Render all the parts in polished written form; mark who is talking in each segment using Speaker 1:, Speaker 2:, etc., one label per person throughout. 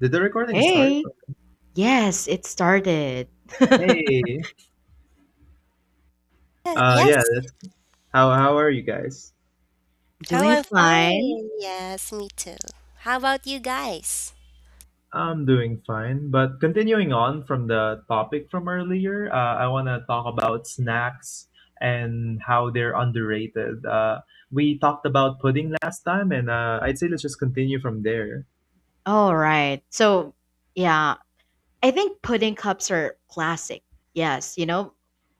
Speaker 1: Did the recording start?
Speaker 2: Hey. Yes, it started.
Speaker 1: Hey. Uh
Speaker 3: Yes.
Speaker 1: yeah, that's, how are you guys?
Speaker 3: Oh,
Speaker 2: Doing
Speaker 3: I'm
Speaker 2: fine.
Speaker 3: fine. Yes, me too. How about you guys?
Speaker 1: I'm doing fine, but continuing on from the topic from earlier, I want to talk about snacks and how they're underrated. We talked about pudding last time, and I'd say let's just continue from there.
Speaker 2: All right. So, yeah, I think pudding cups are classic. Yes, you know,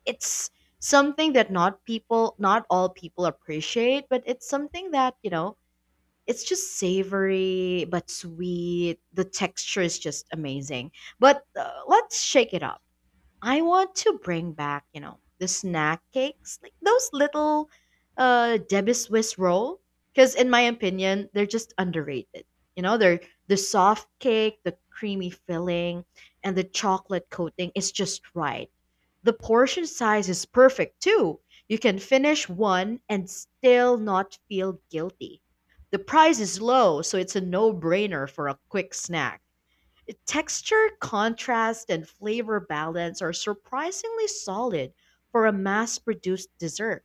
Speaker 2: it's something that not people, not all people appreciate, but it's something that, it's just savory but sweet. The texture is just amazing. But let's shake it up. I want to bring back, the snack cakes, like those little Debbie Swiss roll. Because in my opinion, they're just underrated. You know, they're the soft cake, the creamy filling, and the chocolate coating is just right. The portion size is perfect too. You can finish one and still not feel guilty. The price is low, so it's a no-brainer for a quick snack. Texture, contrast, and flavor balance are surprisingly solid for a mass produced dessert.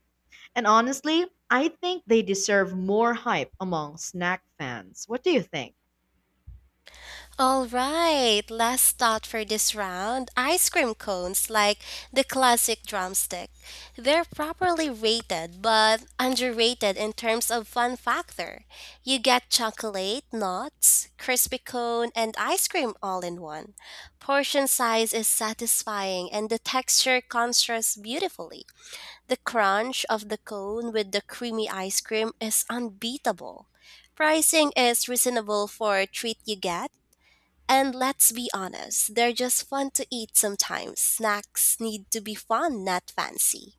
Speaker 2: And honestly, I think they deserve more hype among snack fans. What do you think?
Speaker 3: All right. Last thought for this round. Ice cream cones, like the classic drumstick. They're properly rated, but underrated in terms of fun factor. You get chocolate, nuts, crispy cone, and ice cream all in one. Portion size is satisfying, and the texture contrasts beautifully. The crunch of the cone with the creamy ice cream is unbeatable. Pricing is reasonable for a treat you get, and let's be honest, they're just fun to eat sometimes. Snacks need to be fun, not fancy.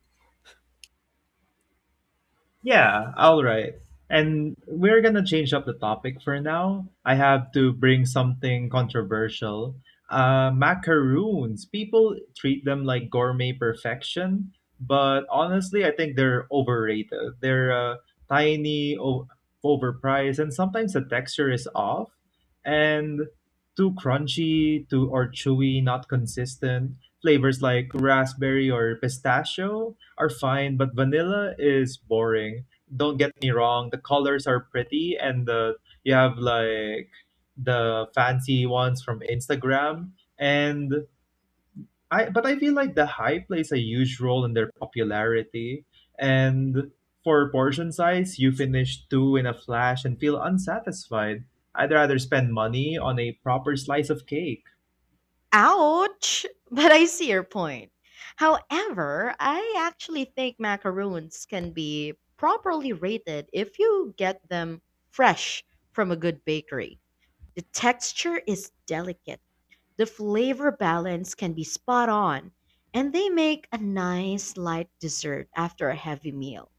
Speaker 1: Yeah, all right. And we're gonna change up the topic for now. I have to bring something controversial. Macaroons. People treat them like gourmet perfection, but honestly, I think they're overrated. They're tiny, overpriced, and sometimes the texture is off, and too crunchy, too or chewy, not consistent. Flavors like raspberry or pistachio are fine, but vanilla is boring. Don't get me wrong, the colors are pretty and the you have like the fancy ones from Instagram and I but I feel like the hype plays a huge role in their popularity, and for portion size, you finish two in a flash and feel unsatisfied. I'd rather spend money on a proper slice of cake.
Speaker 2: Ouch! But I see your point. However, I actually think macaroons can be properly rated if you get them fresh from a good bakery. The texture is delicate. The flavor balance can be spot on, and they make a nice light dessert after a heavy meal.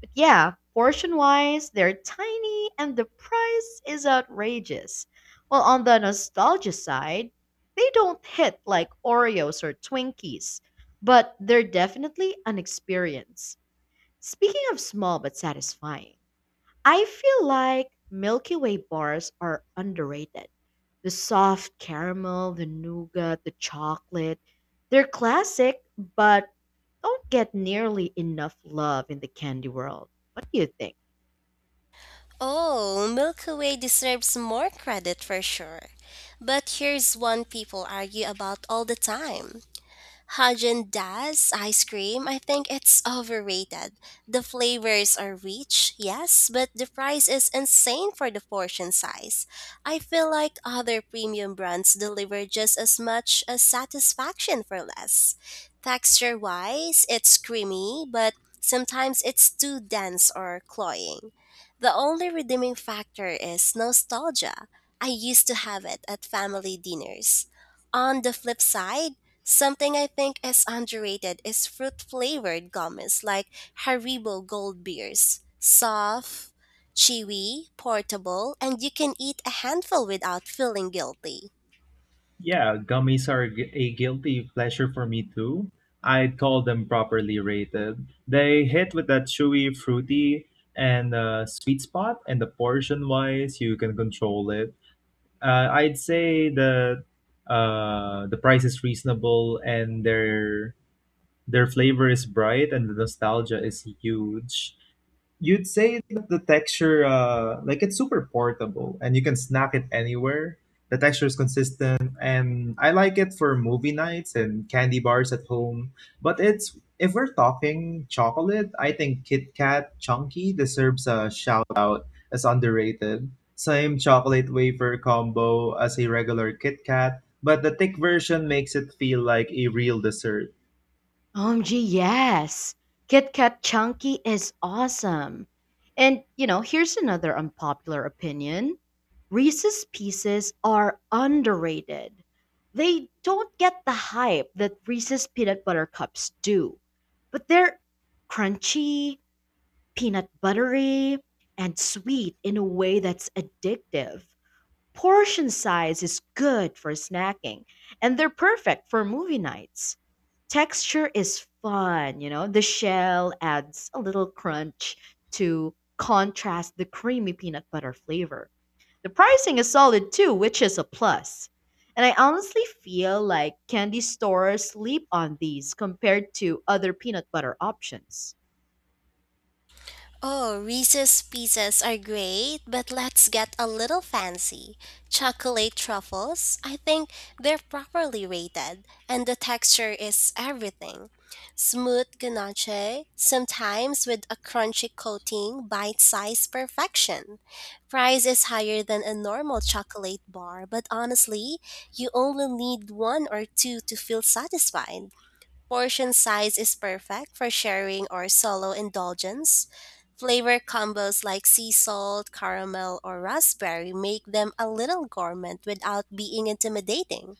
Speaker 2: But yeah, portion wise, they're tiny and the price is outrageous. While on the nostalgia side, they don't hit like Oreos or Twinkies, but they're definitely an experience. Speaking of small but satisfying, I feel like Milky Way bars are underrated. The soft caramel, the nougat, the chocolate. They're classic, but don't get nearly enough love in the candy world. What do you think?
Speaker 3: Oh, Milky Way deserves more credit for sure. But here's one people argue about all the time: Haagen Dazs ice cream, I think it's overrated. The flavors are rich, yes, but the price is insane for the portion size. I feel like other premium brands deliver just as much as satisfaction for less. Texture wise, it's creamy, but sometimes it's too dense or cloying. The only redeeming factor is nostalgia. I used to have it at family dinners. On the flip side, something I think is underrated is fruit flavored gummies like Haribo Gold Beers. Soft, chewy, portable, and you can eat a handful without feeling guilty.
Speaker 1: Yeah, gummies are a guilty pleasure for me too. I'd call them properly rated. They hit with that chewy, fruity, and sweet spot, and the portion wise, you can control it. I'd say that the price is reasonable, and their flavor is bright, and the nostalgia is huge. You'd say that the texture, like it's super portable and you can snack it anywhere. The texture is consistent and I like it for movie nights and candy bars at home. But it's if we're talking chocolate, I think Kit Kat Chunky deserves a shout out as underrated. Same chocolate wafer combo as a regular Kit Kat, but the thick version makes it feel like a real dessert.
Speaker 2: OMG, yes. Kit Kat Chunky is awesome. And, you know, here's another unpopular opinion. Reese's Pieces are underrated. They don't get the hype that Reese's Peanut Butter Cups do, but they're crunchy, peanut buttery, and sweet in a way that's addictive. Portion size is good for snacking, and they're perfect for movie nights. Texture is fun, you know. The shell adds a little crunch to contrast the creamy peanut butter flavor. The pricing is solid too, which is a plus. And I honestly feel like candy stores sleep on these compared to other peanut butter options.
Speaker 3: Oh, Reese's Pieces are great, but let's get a little fancy. Chocolate truffles, I think they're properly rated, and the texture is everything. Smooth ganache, sometimes with a crunchy coating, bite sized perfection. Price is higher than a normal chocolate bar, but honestly, you only need one or two to feel satisfied. Portion size is perfect for sharing or solo indulgence. Flavor combos like sea salt, caramel, or raspberry make them a little gourmet without being intimidating.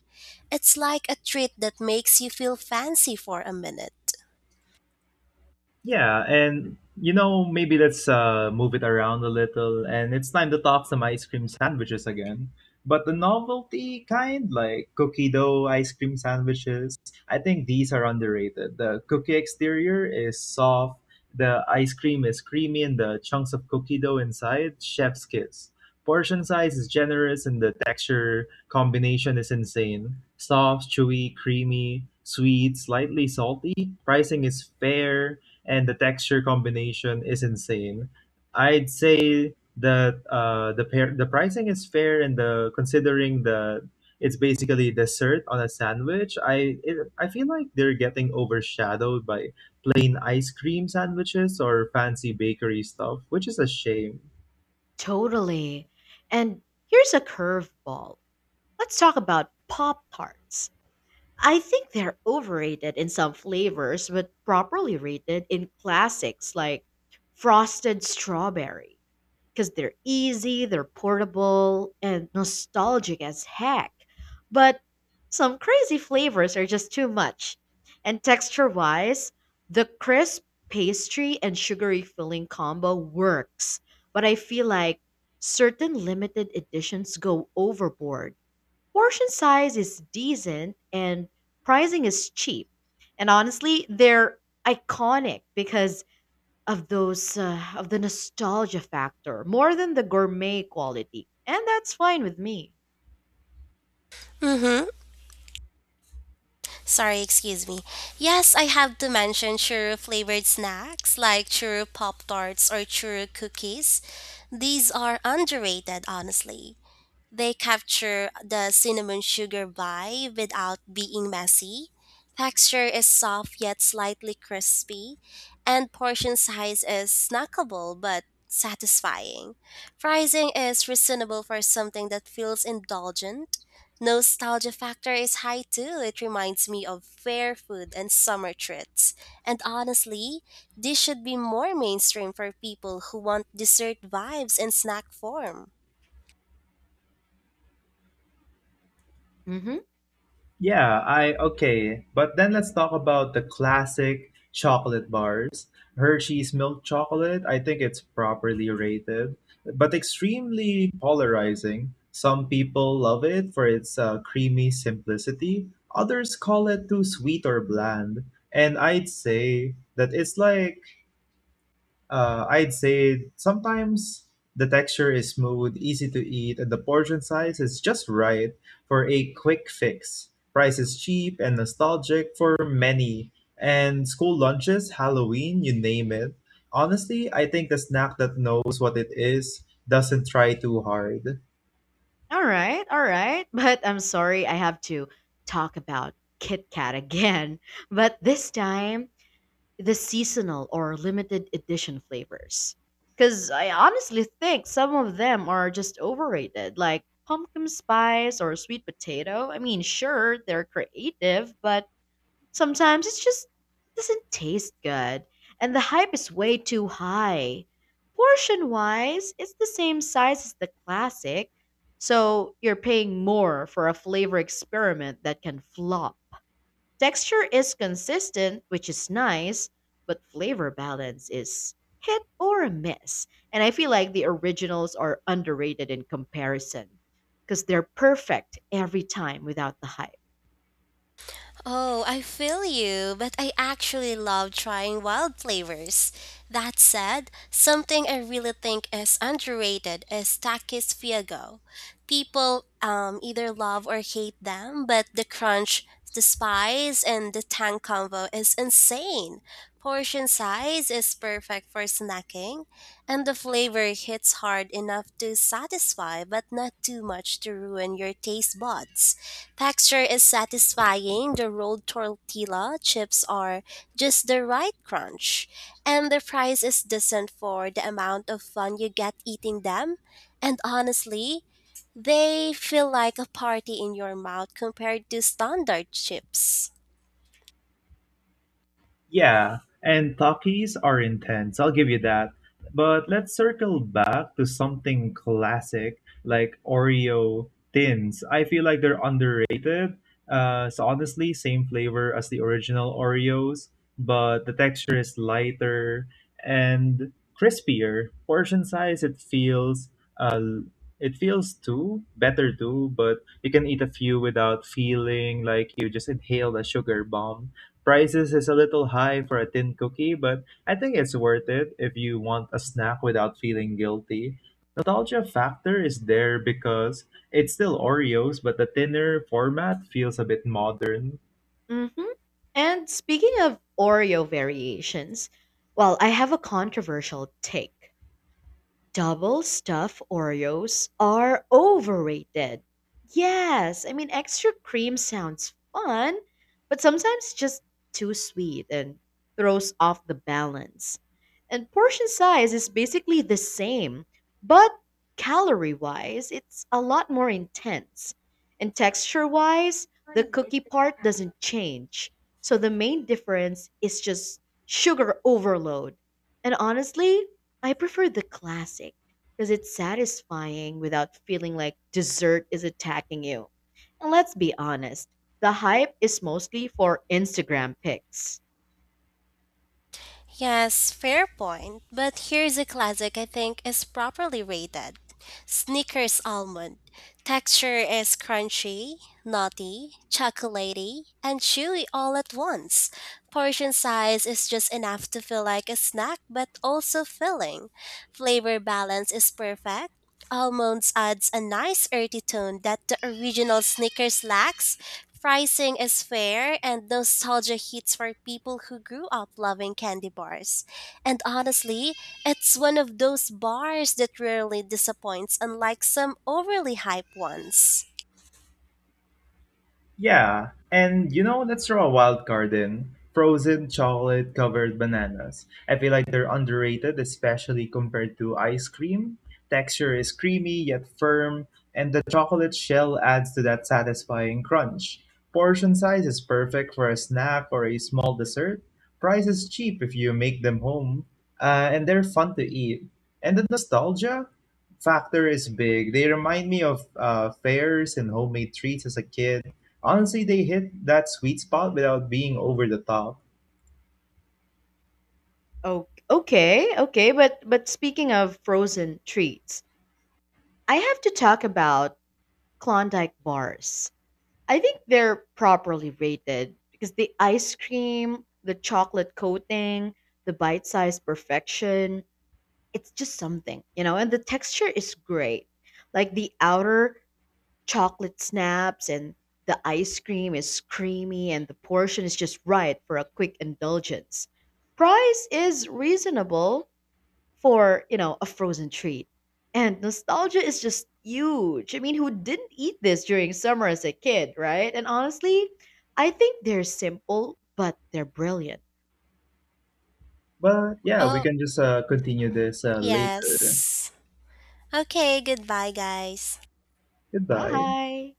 Speaker 3: It's like a treat that makes you feel fancy for a minute.
Speaker 1: Yeah, and you know, maybe let's move it around a little, and it's time to talk some ice cream sandwiches again. But the novelty kind, like cookie dough ice cream sandwiches, I think these are underrated. The cookie exterior is soft, the ice cream is creamy, and the chunks of cookie dough inside, chef's kiss. Portion size is generous, and the texture combination is insane. Soft, chewy, creamy, sweet, slightly salty. Pricing is fair, and the texture combination is insane. I'd say that the pricing is fair and the considering the it's basically dessert on a sandwich. I feel like they're getting overshadowed by plain ice cream sandwiches or fancy bakery stuff, which is a shame.
Speaker 2: Totally. And here's a curveball. Let's talk about Pop Tarts. I think they're overrated in some flavors, but properly rated in classics like frosted strawberry because they're easy, they're portable, and nostalgic as heck. But some crazy flavors are just too much. And texture wise, the crisp pastry and sugary filling combo works, but I feel like certain limited editions go overboard. Portion size is decent and pricing is cheap. And honestly, they're iconic because of those of the nostalgia factor more than the gourmet quality. And that's fine with me.
Speaker 3: Mm-hmm. Sorry, excuse me. Yes, I have to mention churro flavored snacks like churro pop tarts or churro cookies. These are underrated, honestly. They capture the cinnamon sugar vibe without being messy. Texture is soft yet slightly crispy, and portion size is snackable but satisfying. Pricing is reasonable for something that feels indulgent. Nostalgia factor is high too. It reminds me of fair food and summer treats. And honestly, this should be more mainstream for people who want dessert vibes in snack form.
Speaker 2: Mhm.
Speaker 1: Yeah, I okay. But then let's talk about the classic chocolate bars. Hershey's milk chocolate, I think it's properly rated, but extremely polarizing. Some people love it for its creamy simplicity, others call it too sweet or bland. And I'd say that it's like I'd say sometimes the texture is smooth, easy to eat, and the portion size is just right for a quick fix. Price is cheap and nostalgic for many. And school lunches, Halloween, you name it. Honestly, I think the snack that knows what it is doesn't try too hard.
Speaker 2: All right, all right. But I'm sorry I have to talk about Kit Kat again. But this time the seasonal or limited edition flavors. Because I honestly think some of them are just overrated, like pumpkin spice or sweet potato. I mean, sure, they're creative, but sometimes it doesn't taste good. And the hype is way too high. Portion wise, it's the same size as the classic, so you're paying more for a flavor experiment that can flop. Texture is consistent, which is nice, but flavor balance is hit or miss. And I feel like the originals are underrated in comparison because they're perfect every time without the hype.
Speaker 3: Oh, I feel you, but I actually love trying wild flavors. That said, something I really think is underrated is Takis Fiego. People either love or hate them, but the crunch, the spice, and the tang combo is insane. Portion size is perfect for snacking, and the flavor hits hard enough to satisfy but not too much to ruin your taste buds. Texture is satisfying, the rolled tortilla chips are just the right crunch, and the price is decent for the amount of fun you get eating them. And honestly, they feel like a party in your mouth compared to standard chips.
Speaker 1: Yeah, and talkies are intense, I'll give you that. But let's circle back to something classic like Oreo tins. I feel like they're underrated. So honestly, same flavor as the original Oreos, but the texture is lighter and crispier. Portion size, uh, it feels too better too, but you can eat a few without feeling like you just inhaled a sugar bomb. Prices is a little high for a tin cookie, but I think it's worth it if you want a snack without feeling guilty. Nostalgia factor is there because it's still Oreos, but the thinner format feels a bit modern.
Speaker 2: Hmm. And speaking of Oreo variations, well, I have a controversial take. Double stuffed Oreos are overrated. Yes, I mean, extra cream sounds fun, but sometimes just too sweet and throws off the balance. And portion size is basically the same, but calorie wise, it's a lot more intense. And texture wise, the cookie part doesn't change. So the main difference is just sugar overload. And honestly, I prefer the classic because it's satisfying without feeling like dessert is attacking you. And let's be honest, the hype is mostly for Instagram pics.
Speaker 3: Yes, fair point. But here's a classic I think is properly rated: Snickers Almond. Texture is crunchy, nutty, chocolatey, and chewy all at once. Portion size is just enough to feel like a snack but also filling. Flavor balance is perfect, Almonds adds a nice earthy tone that the original Snickers lacks. Pricing is fair and nostalgia hits for people who grew up loving candy bars. And honestly, it's one of those bars that rarely disappoints, unlike some overly hyped ones.
Speaker 1: Yeah, and you know, let's throw a wild card in. Frozen chocolate covered bananas. I feel like they're underrated, especially compared to ice cream. Texture is creamy yet firm, and the chocolate shell adds to that satisfying crunch. Portion size is perfect for a snack or a small dessert. Price is cheap if you make them home, and they're fun to eat. And the nostalgia factor is big. They remind me of fairs and homemade treats as a kid. Honestly, they hit that sweet spot without being over the top.
Speaker 2: Oh, okay, okay, but speaking of frozen treats, I have to talk about Klondike bars. I think they're properly rated because the ice cream, the chocolate coating, the bite-sized perfection, it's just something, you know, and the texture is great. Like the outer chocolate snaps and the ice cream is creamy and the portion is just right for a quick indulgence. Price is reasonable for, you know, a frozen treat. And nostalgia is just huge. I mean, who didn't eat this during summer as a kid, right? And honestly, I think they're simple, but they're brilliant.
Speaker 1: But yeah, we
Speaker 3: Oh,
Speaker 1: can just continue this later.
Speaker 3: yes. Okay, goodbye, guys.
Speaker 1: Goodbye.
Speaker 2: Bye.